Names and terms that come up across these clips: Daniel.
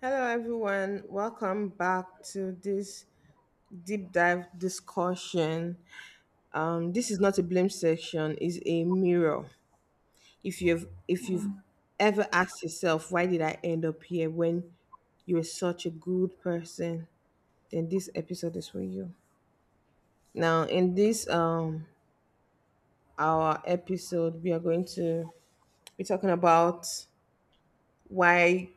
Hello, everyone. Welcome back to this deep dive discussion. This is not a blame section; it's a mirror. If you've Mm, ever asked yourself why did I end up here when you were such a good person, then this episode is for you. Now, in this our episode, we are going to be talking about why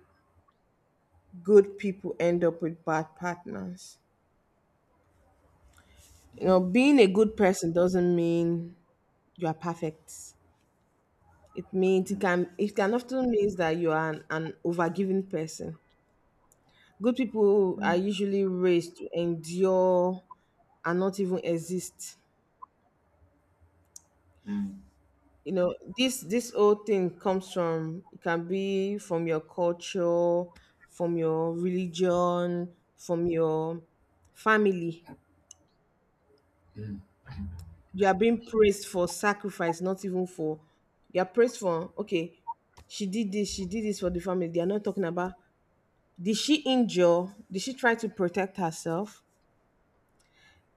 good people end up with bad partners. You know, mm, being a good person doesn't mean you are perfect. It means it mm, can it can often means that you are an overgiving person. Good people are mm, usually raised to endure and not even exist. mm, You know, this whole thing comes from it can be from your culture, from your religion, from your family. mm, You are being praised for sacrifice, not even for you are praised for okay, she did this for the family. They are not talking about did she injure did she try to protect herself.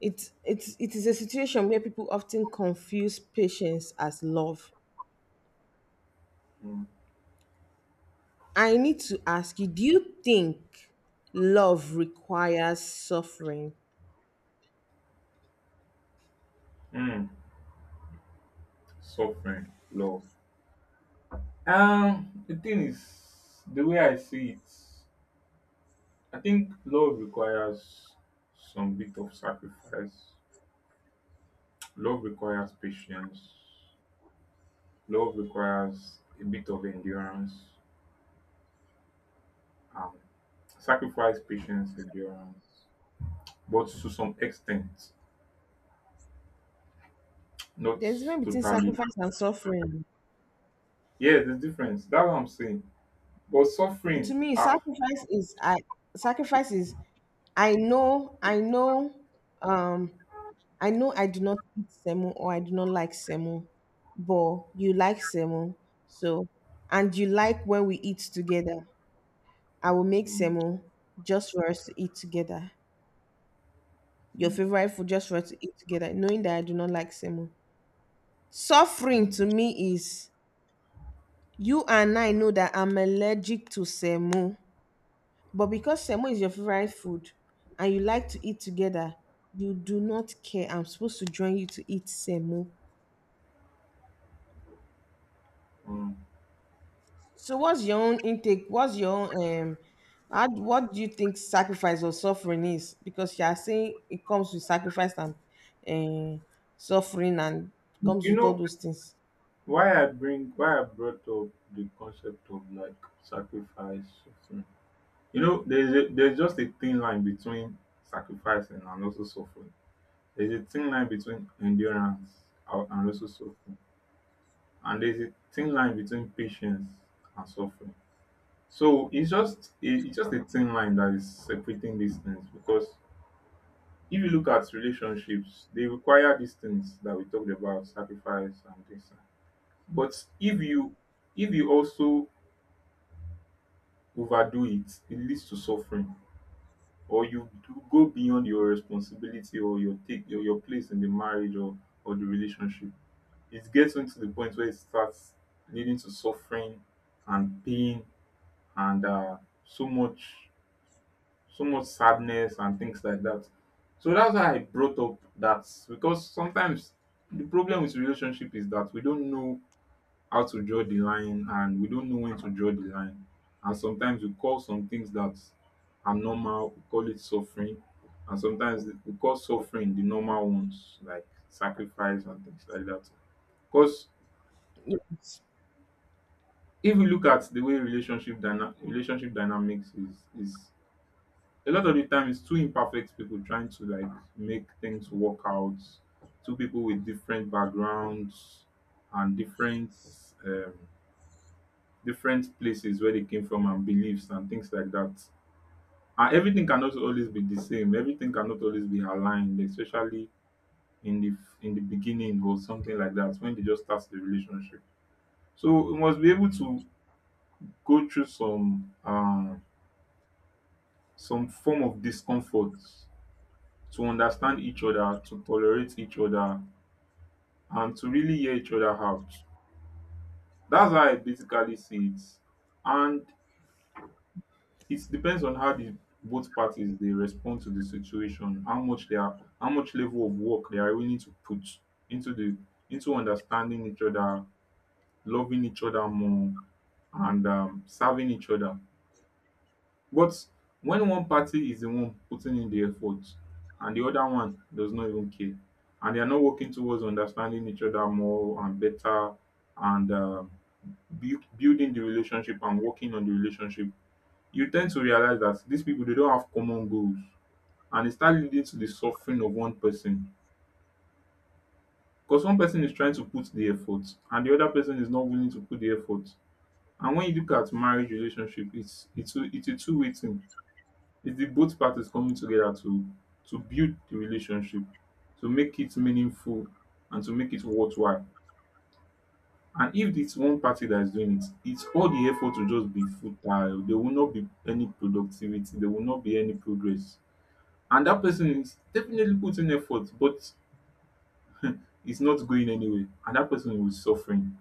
It is a situation where people often confuse patience as love. mm, I need to ask you, do you think love requires suffering? mm. Suffering, love. The thing is, the way I see it, I think love requires some bit of sacrifice. Love requires patience. Love requires a bit of endurance. Um, sacrifice, patience, endurance, but to some extent, not There's a difference between totally. sacrifice and suffering. Yeah, there's difference. That's what I'm saying. But To suffering, me, ah. sacrifice is sacrifice is i know i know um I know I do not eat semo or I do not like semo, but you like semo. So, and you like when we eat together. I will make Hmm. semo just for us to eat together. Your Mm, favorite food just for us to eat together, knowing that I do not like semo. Suffering to mm, me is you and I know that I'm allergic to semo, but because semo is your favorite food and you like to eat together, you do not care. I'm supposed to join you to eat semo. mm. So what's your own intake? What's your own what do you think sacrifice or suffering is? Because you are saying it comes with sacrifice and um suffering and comes You with all know those things. why I bring why I brought up the concept of, like, sacrifice, suffering. You know, there's just a thin line between sacrificing and also suffering. There's a thin line between endurance and also suffering, and there's a thin line between patience and suffering. So it's just a thin line that is separating these things, because if you look at relationships, they require these things that we talked about, sacrifice and this. But if you also overdo it, it leads to suffering, or you do go beyond your responsibility, or your take, or your place in the marriage or the relationship. It gets into the point where it starts leading to suffering, and pain, and so much so much sadness and things like that. So that's why I brought up that, because sometimes the problem with relationship is that we don't know how to draw the line, and we don't know when to draw the line, and sometimes we call some things that are normal, we call it suffering, and sometimes we call suffering the normal ones, like sacrifice and things like that. Because Yes. if you look at the way relationship dynamics is, a lot of the time it's two imperfect people trying to, like, make things work out, two people with different backgrounds and um, different places where they came from, and beliefs and things like that. And everything cannot always be the same. Everything cannot always be aligned, especially in the in the beginning, or something like that, when they just start the relationship. So you must be able to go through some form of discomfort, to understand each other, to tolerate each other, and to really hear each other out. That's how I basically see it. And it depends on how the both parties they respond to the situation, how much level of work they are willing to put into the into understanding each other, loving each other more, and serving each other. But when one party is the one putting in the effort, and the other one does not even care, and they are not working towards understanding each other more and better, and building the relationship and working on the relationship, you tend to realize that these people they don't have common goals, and it start leading to the suffering of one person, because one person is trying to put the effort, and the other person is not willing to put the effort. And when you look at marriage relationship, it's a two-way thing. It's the both parties coming together to build the relationship, to make it meaningful, and to make it worthwhile. And if it's one party that is doing it, it's all the effort will just be futile, there will not be any productivity, there will not be any progress, and that person is definitely putting effort, but it's not going anywhere, and that person is suffering.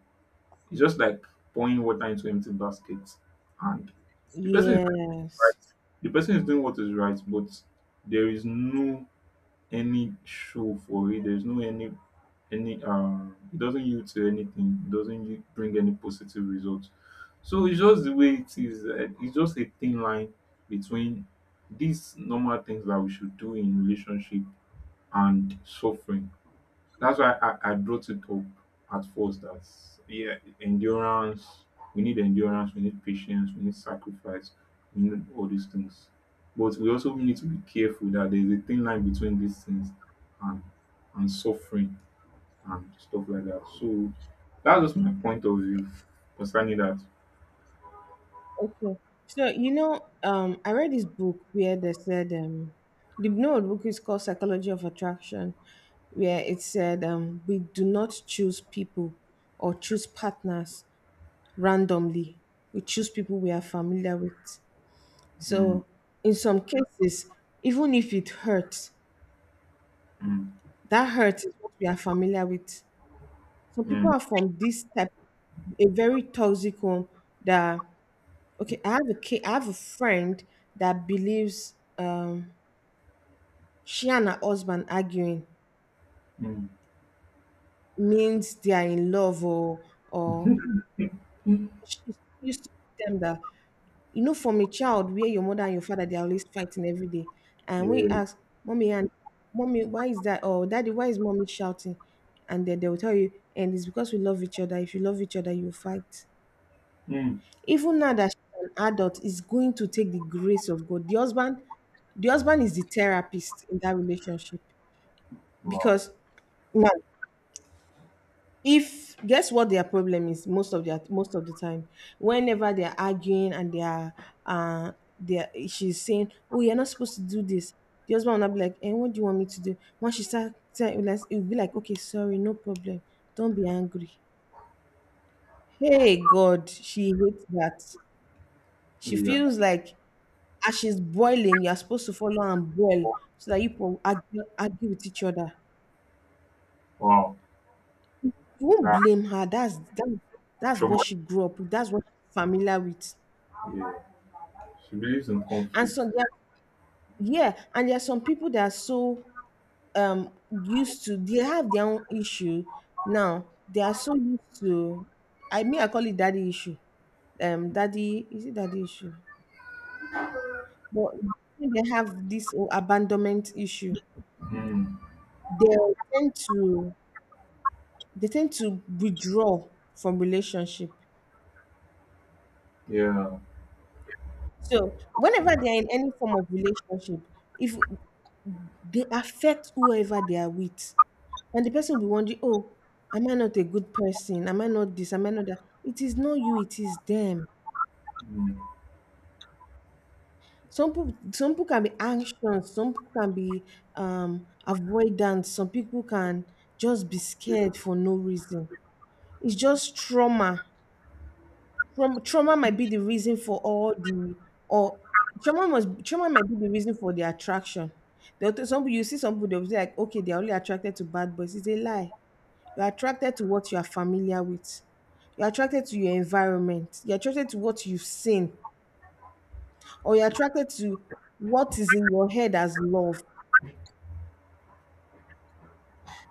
It's just like pouring water into empty basket, and the person is doing Yes. right. The person is doing what is right, but there is no any show for it. There is no any. It doesn't yield to anything. It doesn't bring any positive results. So it's just the way it is. It's just a thin line between these normal things that we should do in relationship, and suffering. That's why I brought it up at first, that yeah, endurance, endurance, we need patience, we need sacrifice, we need all these things. But we also need to be careful that there's a thin line between these things and and suffering and stuff like that. So that's just my point of view concerning that. Okay. So I read this book where they said the no the book is called Psychology of Attraction, where it said we do not choose people or choose partners randomly. We choose people we are familiar with. Mm, So, in some cases, even if it hurts, mm, that hurt is what we are familiar with. Some people are from this type, a very toxic home. That okay, I have a friend that believes she and her husband arguing mm, means they are in love or mm. she used to tell them that. You know, from a child where your mother and your father, they're always fighting every day. And when you Yeah. ask, mommy and mommy, why is that? Or daddy, why is mommy shouting? And then they will tell you, and it's because we love each other. If you love each other, you fight. Mm. Even now that she's an adult, is going to take the grace of God. The husband is the therapist in that relationship Wow. because now if guess what their problem is most of the time whenever they're arguing and uh they're she's saying oh you're not supposed to do this. The husband will not be like and what do you want me to do once she start like, it'll be like okay sorry no problem, don't be angry, hey god, she hates that. She Yeah. feels like as she's boiling you're supposed to follow and boil so that you can argue with each other. Wow. You won't That blame her. That's what trauma. she grew up with, that's what she's familiar with. Yeah. She believes in And conflict. so there, yeah, and there are some people that are so um used to they have their own issue now. They are so used to, I mean, I call it daddy issue. Daddy, is it daddy issue? But they have this abandonment issue, Mm, they tend to they tend to withdraw from relationship. yeah. So whenever they are in any form of relationship, if they affect whoever they are with. And the person will be wondering, oh, am I not a good person? Am I not this? Am I not that? It is not you, it is them. Mm, Some people can be anxious, some people can be avoidant, some people can just be yeah. scared for no reason. It's just trauma. Trauma might be the reason for all the, or trauma might be the reason for the attraction. There are some people, you see some people they'll be like, okay, they're only attracted to bad boys. It's a lie. You're attracted to what you are familiar with. You're attracted to your environment. You're attracted to what you've seen, or you're attracted to what is in your head as love.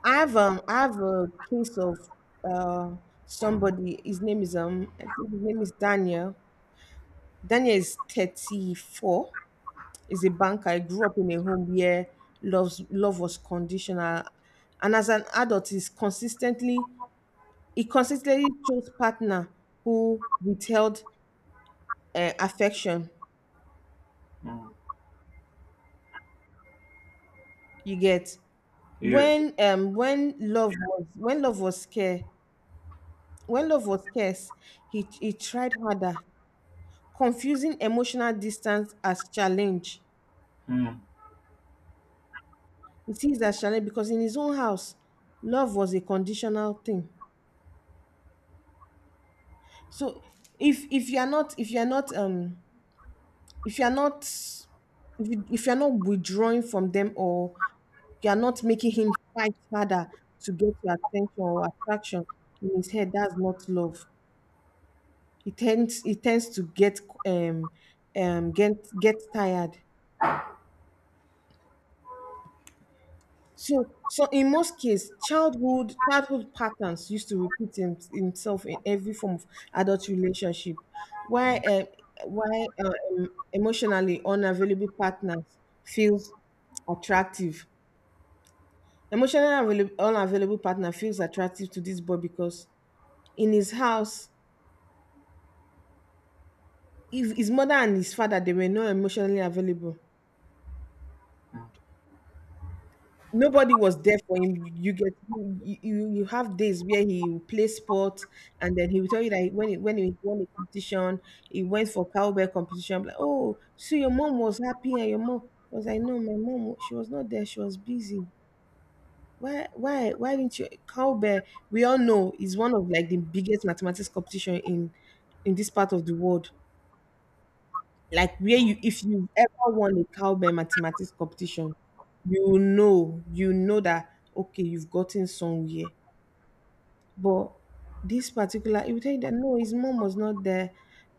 I have a case of uh somebody. His name is I think his name is Daniel. Daniel is 34. Is a banker. I grew up in a home where love was conditional, and as an adult, he consistently chose partner who withheld affection, Mm, you get, yes. When love was scarce, when love was scarce he tried harder, confusing emotional distance as challenge. Mm, He sees as challenge because in his own house love was a conditional thing. So if you are not if you are not if you are not if you're not withdrawing from them, or you're not making him fight harder to get your attention or attraction, in his head, that's not love. He tends to get um um get tired So in most cases childhood patterns used to repeat himself in every form of adult relationship. Why uh, why uh, um, emotionally unavailable partners feels attractive. Emotionally available, unavailable partner feels attractive to this boy because in his house, if his mother and his father they were not emotionally available, mm, nobody was there for him. You, get you, you you have days where he will play sport, and then he will tell you that when he won a competition, he went for cowbell competition. I'm like, oh, so your mom was happy, and your mom, I was like, no, my mom she was not there. She was busy. Why didn't you cowbell? We all know is one of like the biggest mathematics competition in this part of the world, like where mm, you, if you ever won a cowbell mathematics competition, you know that okay, you've gotten somewhere. But this particular it will tell you that no, his mom was not there.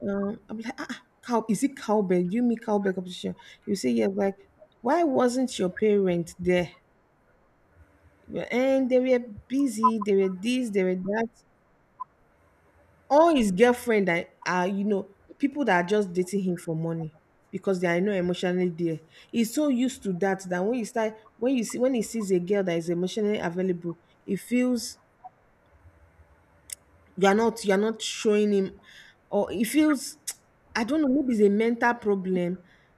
I'm like, ah, ah, cow is it cowbell? Do you mean cowbell competition? You say yes, like why wasn't your parent there? And they were busy, they were this, they were that. All his girlfriend that are, you know, people that are just dating him for money because they are not emotionally there. He's so used to that that when you start when you see when he sees a girl that is emotionally available, he feels you are not showing him, or he feels I don't know, maybe it's a mental problem.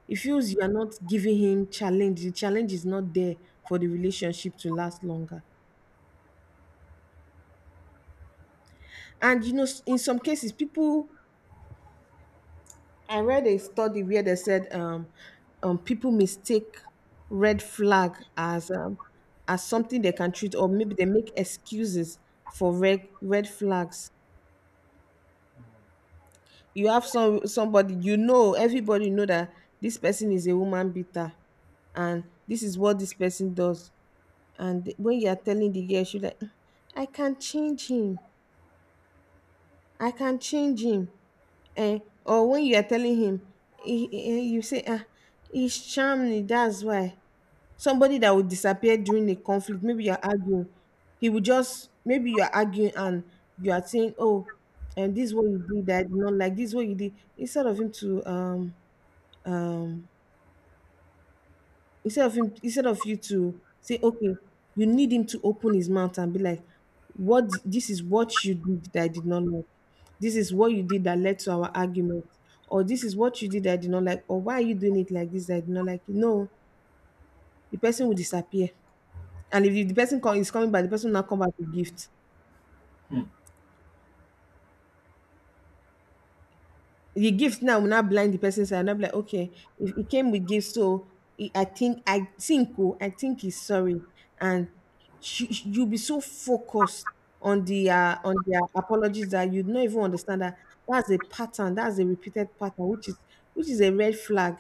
He feels you are not giving him challenge. The challenge is not there for the relationship to last longer. And in some cases, people, I read a study where they said people mistake red flag as something they can treat, or maybe they make excuses for red flags. You have somebody, you know, everybody know that this person is a woman beater, and this is what this person does. And when you are telling the girl, she's like, "Mm, I can change him. I can change him. Eh," or when you are telling him, you say, ah, he's charming. That's why. Somebody that would disappear during a conflict. Maybe you're arguing, he would just maybe you're arguing and you are saying, "Oh, and this is what you did that I did not like, this is what you did." Instead of him to um instead of you to say, "Okay," you need him to open his mouth and be like, This is what you did that I did not like. This is what you did that led to our argument." Or this is what you did that I did not like, or why are you doing it like this that I did not like? No, the person will disappear. And if, the person come, is coming back, the person will not come back with gift. mm, The gift now will not blind the person's eye. And I'm like, okay, if he came with gift, so he, I think he's sorry. And you'll be so focused on the on their apologies that you'd not even understand that that's a repeated pattern, which is a red flag.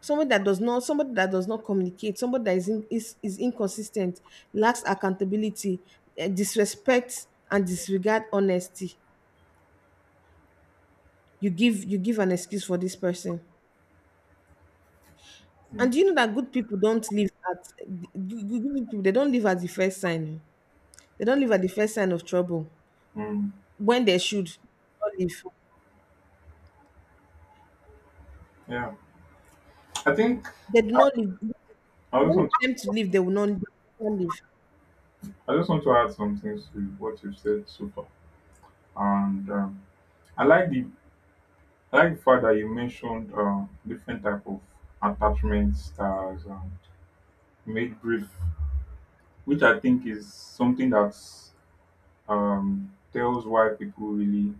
Somebody that does not communicate, somebody that is inconsistent, lacks accountability, disrespect and disregard honesty. You give you give an excuse for this person. mm, And do you know that good people don't live at good people, they don't live at the first sign oh. they don't live at the first sign of trouble mm. when they should Yeah. I think not live, they do not live. I just When want it's time to live, they will not live. I just want to add some things to what you've said so far, and I like the I like the fact that you mentioned different type of attachment styles, and made brief, which I think is something that tells why people really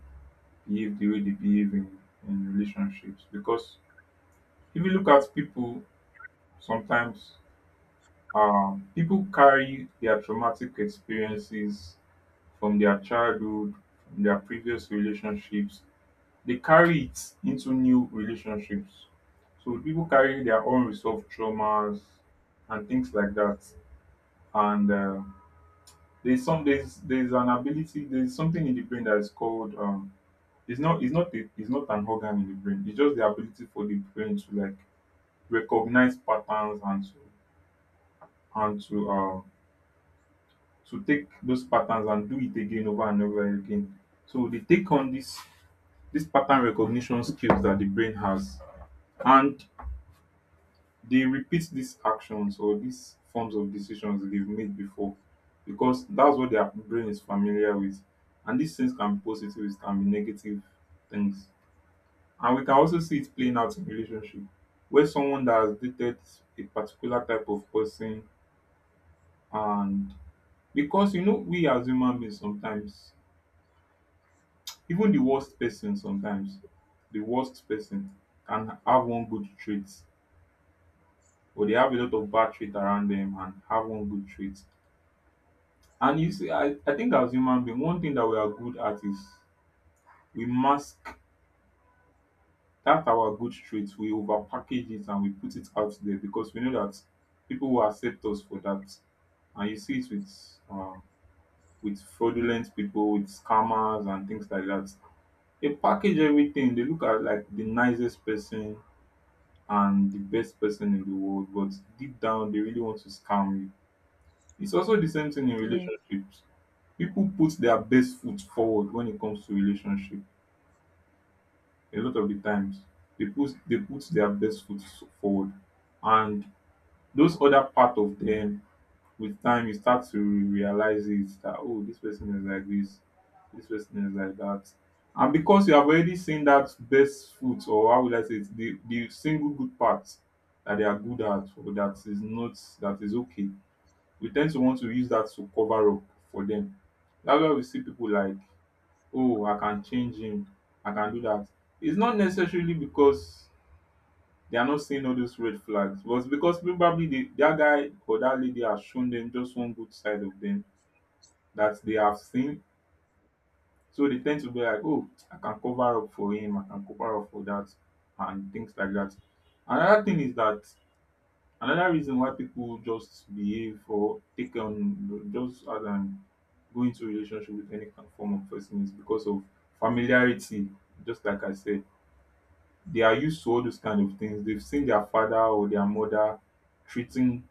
behave the way they behave in relationships. Because if you look at people. Sometimes people carry their traumatic experiences from their childhood, from their previous relationships. They carry it into new relationships. So people carry their own unresolved traumas and things like that. And there's something in the brain that is called. It's not an organ in the brain. It's just the ability for the brain to, like, recognize patterns, and and to um, to take those patterns and do it again, over and over again. So they take on this pattern recognition skills that the brain has, and they repeat these actions, or these forms of decisions they've made before, because that's what their brain is familiar with. And these things can be positive, it can be negative things. And we can also see it playing out in relationship, where someone that has dated a particular type of person, and because we as human beings sometimes. Even the worst person, sometimes, the worst person can have one good trait, or they have a lot of bad trait around them and have one good trait. And you see, I think, as human being, one thing that we are good at is we mask that our good traits. We overpackage it and we put it out there, because we know that people will accept us for that. And you see it uh with fraudulent people, with scammers and things like that. They package everything. They look at, like, the nicest person, and the best person in the world, but deep down they really want to scam you. It's also the same thing in Yeah, relationships. People put their best foot forward when it comes to relationship. A lot of the times they put their best foot forward, and those other part of them, with time you start to realize it that, oh, this person is like this person is like that. And because you have already seen that best foot, or how will I say it, the single good part that they are good at, or that is not, that is okay, we tend to want to use that to cover up for them. That's why we see people like, oh, I can change him, I can do that. It's not necessarily because they are not seeing all those red flags. But it's because probably that guy or that lady has shown them just one good side of them that they have seen. So they tend to be like, oh, I can cover up for him, I can cover up for that, and things like that. Another thing is that another reason why people just behave or take on just as an go into relationship with any of form of person is because of familiarity. Just like I said, they are used to all those kind of things. They've seen their father or their mother treating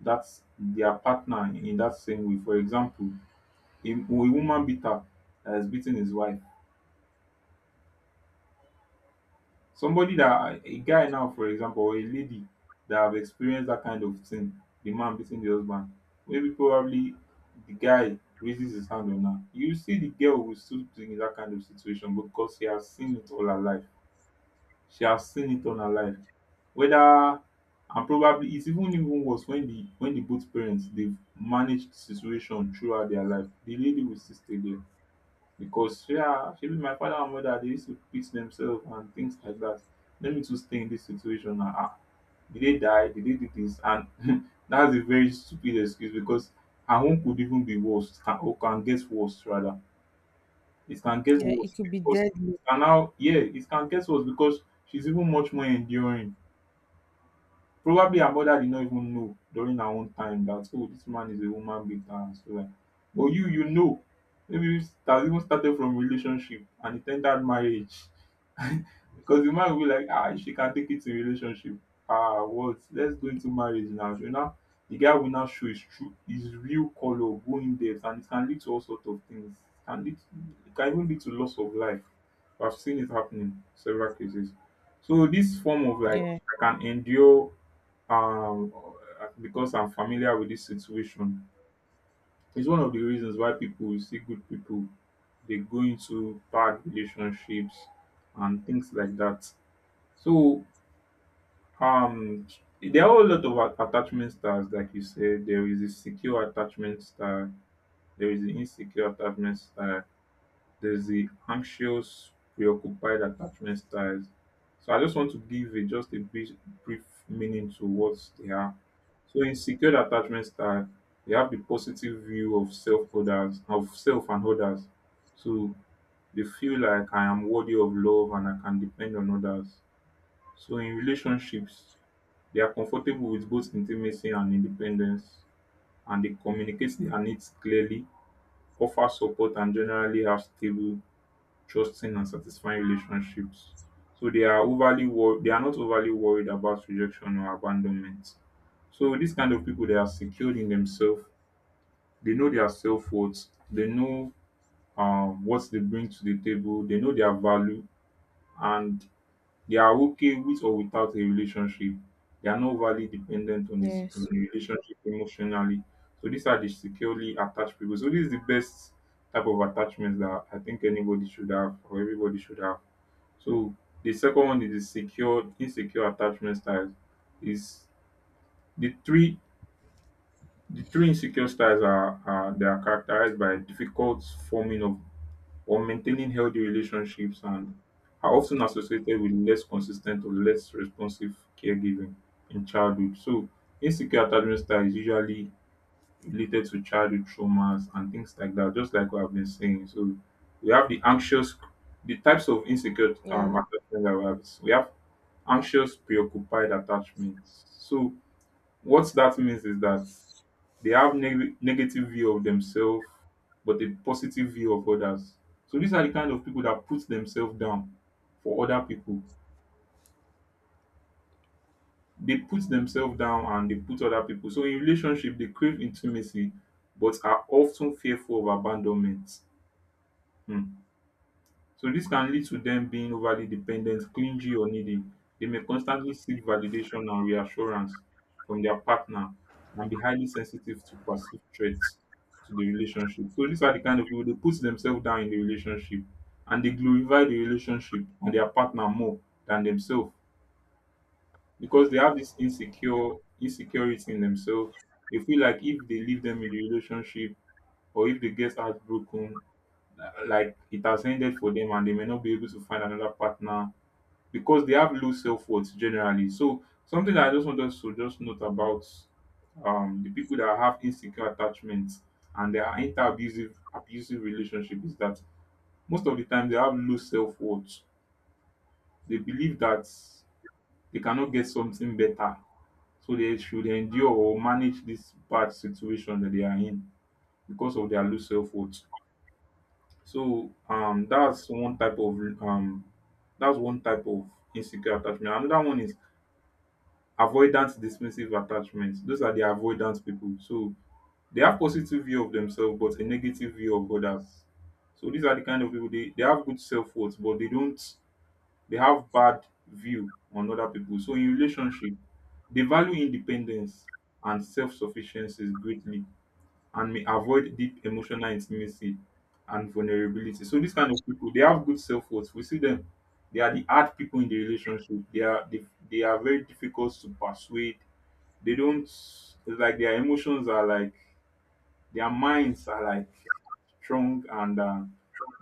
that their partner in that same way. For example, a woman beater that has beaten his wife. Somebody that, a guy now, for example, or a lady that have experienced that kind of thing, the man beating the husband. Maybe probably the guy raises his hand on her. You see, the girl will still be in that kind of situation, because she has seen it all her life. She has seen it on her life. Whether and probably it's even worse when the both parents they've managed the situation throughout their life. The lady will still stay there, because, yeah, shebi my father and mother they used to beat themselves and things like that. Let me to stay in this situation now. Ah, did they die? Did they do this? And that's a very stupid excuse, because her own could even be worse, can, or can get worse rather. It can get yeah, it worse could be because deadly. and now, yeah, it can get worse, because she's even much more enduring. Probably her mother did not even know during her own time that, oh, this man is a woman beater and so on. But you know. Maybe it has even started from relationship and it ended marriage. Because the man will be like, ah, if she can take it to relationship. Ah, what? Let's go into marriage now. You know, the guy will now show his true, his real color, go in depth, and it can lead to all sorts of things. It can lead, it can even lead to loss of life. I've seen it happening several cases. So this form of like Yeah. I can endure um because I'm familiar with this situation. It's one of the reasons why people we see good people they go into bad relationships and things like that. So um there are a lot of attachment styles, like you said. There is a secure attachment style. There is an insecure attachment style, there's the anxious, preoccupied attachment styles. So I just want to give a, just a brief, brief meaning to what they are. So in secured attachment style, they have the positive view of self and others. So they feel like I am worthy of love and I can depend on others. So in relationships, they are comfortable with both intimacy and independence, and they communicate their needs clearly, offer support, and generally have stable, trusting and satisfying relationships. So they are they are not overly worried about rejection or abandonment. So these kind of people, they are secured in themselves. They know their self-worth, they know, what they bring to the table, they know their value, and they are okay with or without a relationship. They are not overly dependent on this on Yes. the relationship emotionally. So these are the securely attached people, so this is the best type of attachments that I think anybody should have or everybody should have. So the second one is the secure insecure attachment styles. Is the three the three insecure styles are, they are characterized by difficult forming of or maintaining healthy relationships, and are often associated with less consistent or less responsive caregiving in childhood. So insecure attachment style is usually related to childhood traumas and things like that, just like what I've been saying. So we have the anxious, the types of insecure Yeah. Attachment that we have, we have anxious preoccupied attachments. So what that means is that they have negative view of themselves but a positive view of others. So these are the kind of people that put themselves down for other people. They put themselves down and they put other people. So in relationship, they crave intimacy but are often fearful of abandonment. Hmm. So this can lead to them being overly dependent, clingy, or needy. They may constantly seek validation and reassurance from their partner and be highly sensitive to perceived threats to the relationship. So these are the kind of people, they put themselves down in the relationship and they glorify the relationship and their partner more than themselves, because they have this insecure insecurity in themselves. They feel like if they leave them in the relationship or if they get heartbroken, like it has ended for them and they may not be able to find another partner because they have low self-worth generally. So something that I just want us to just note about the people that have insecure attachments and they are into abusive relationship is that most of the time they have low self-worth. They believe that they cannot get something better, so they should endure or manage this bad situation that they are in, because of their low self-worth. So that's one type of that's one type of insecure attachment. Another one is avoidance dismissive attachment. Those are the avoidance people. So they have positive view of themselves but a negative view of others. So these are the kind of people, they have good self worth but they don't, they have bad view on other people. So in relationship, they value independence and self sufficiency greatly, and may avoid deep emotional intimacy and vulnerability. So these kind of people, they have good self worth. We see them. They are the hard people in the relationship. They are very difficult to persuade. They don't, it's like their emotions are like, their minds are like strong and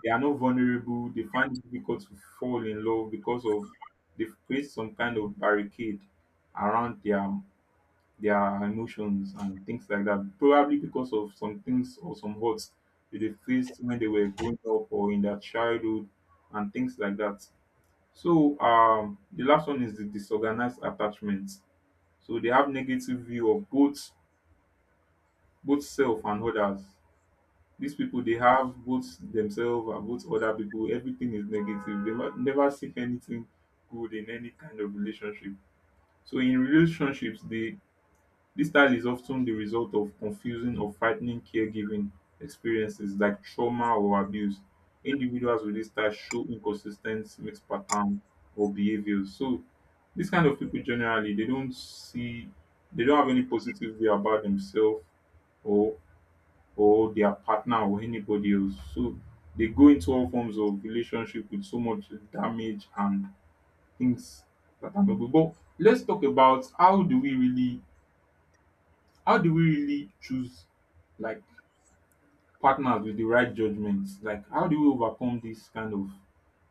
they are not vulnerable. They find it difficult to fall in love because of, they've created some kind of barricade around their emotions and things like that. Probably because of some things or some hurts that they faced when they were growing up or in their childhood and things like that. So the last one is the disorganized attachment. So they have negative view of both self and others. These people, they have both themselves and both other people. Everything is negative. They never seek anything good in any kind of relationship. So in relationships, they this style is often the result of confusing or frightening caregiving experiences like trauma or abuse. Individuals with this style show inconsistent mixed pattern or behaviors. So this kind of people generally, they don't have any positive way about themselves or, their partner or anybody else. So they go into all forms of relationship with so much damage and things that are not good. But let's talk about, how do we really choose, like, partners with the right judgments? Like how do we overcome this kind of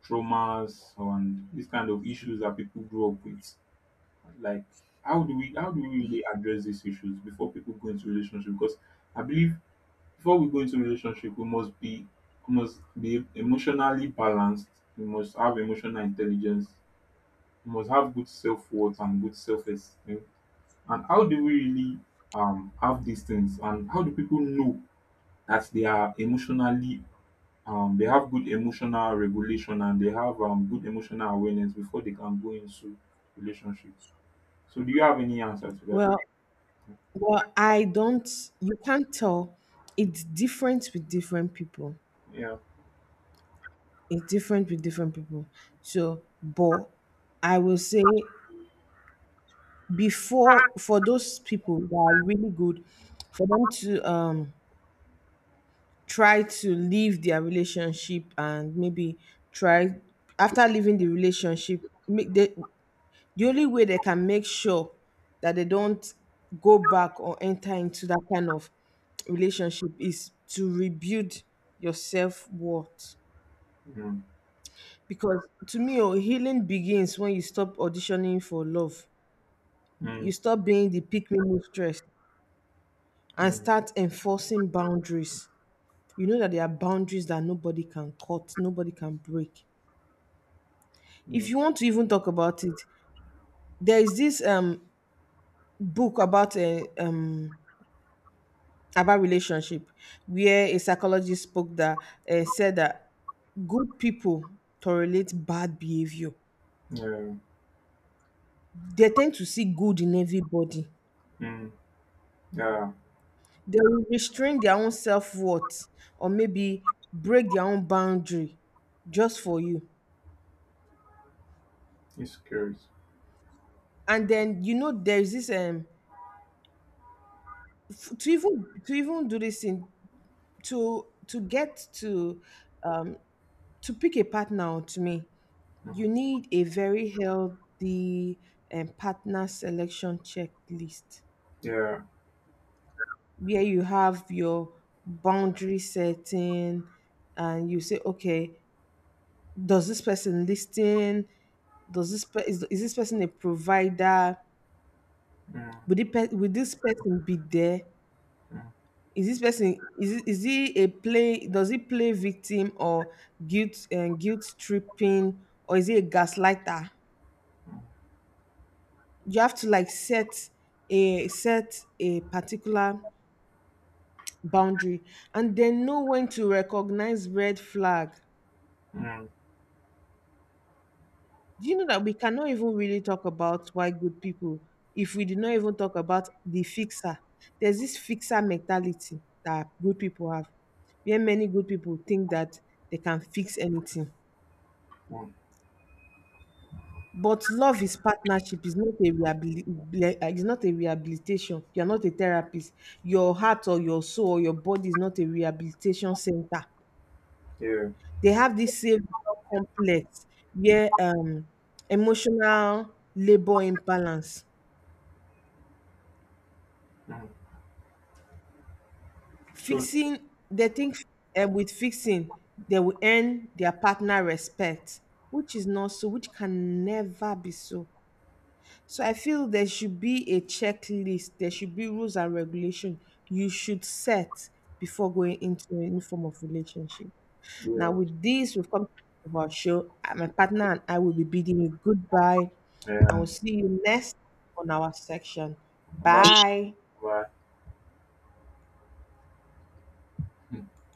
traumas and this kind of issues that people grow up with? Like, how do we really address these issues before people go into relationship? Because I believe before we go into relationship, we must be emotionally balanced, we must have emotional intelligence, we must have good self worth and good self esteem. And how do we really have these things, and how do people know that they are emotionally they have good emotional regulation and they have good emotional awareness before they can go into relationship. So do you have any answer to that? Well, well I don't you can't tell. It's different with different people. Yeah. It's different with different people. So, but I will say, before, for those people that are really good, for them to try to leave their relationship, and maybe try. After leaving the relationship, make the only way they can make sure that they don't go back or enter into that kind of relationship is to rebuild your self-worth. Mm. Because to me, oh, healing begins when you stop auditioning for love. You Mm. stop being the pick me mistress and Mm. start enforcing boundaries. You know that there are boundaries that nobody can cut, nobody can break. If Mm. you want to even talk about it, there is this book about a about relationship where a psychologist spoke that said that good people tolerate bad behavior. Yeah. They tend to see good in everybody. Mm. Yeah. They will restrain their own self-worth, or maybe break their own boundary, just for you. It's curious. And then, you know, there is this to even do this thing, to get um to pick a partner out. To me, Mm. you need a very healthy partner selection checklist, Yeah. where you have your boundary setting, and you say, okay, does this person listen? Does this is this person a provider? Mm. Would this person be there? Mm. Is this person, is he a play? Does he play victim, or guilt, and guilt tripping? Or is he a gaslighter? You have to like set a set a particular boundary, and then know when to recognize red flag. Mm. Mm. Do you know that we cannot even really talk about why good people if we did not even talk about the fixer? There's this fixer mentality that good people have, where many good people think that they can fix anything. Mm. But love is partnership. Is not a rehabilitation. You're not a therapist. Your heart or your soul or your body is not a rehabilitation center. Yeah. They have this same complex where emotional labor imbalance. Mm. So Fixing, they think with fixing, they will earn their partner respect, which is not so, which can never be so. So I feel there should be a checklist, there should be rules and regulation you should set before going into any form of relationship. Now, yeah. with this, we've come to the end of our show. My partner and I will be bidding you goodbye, and Yeah. we'll see you next on our section. Bye. Bye. Bye.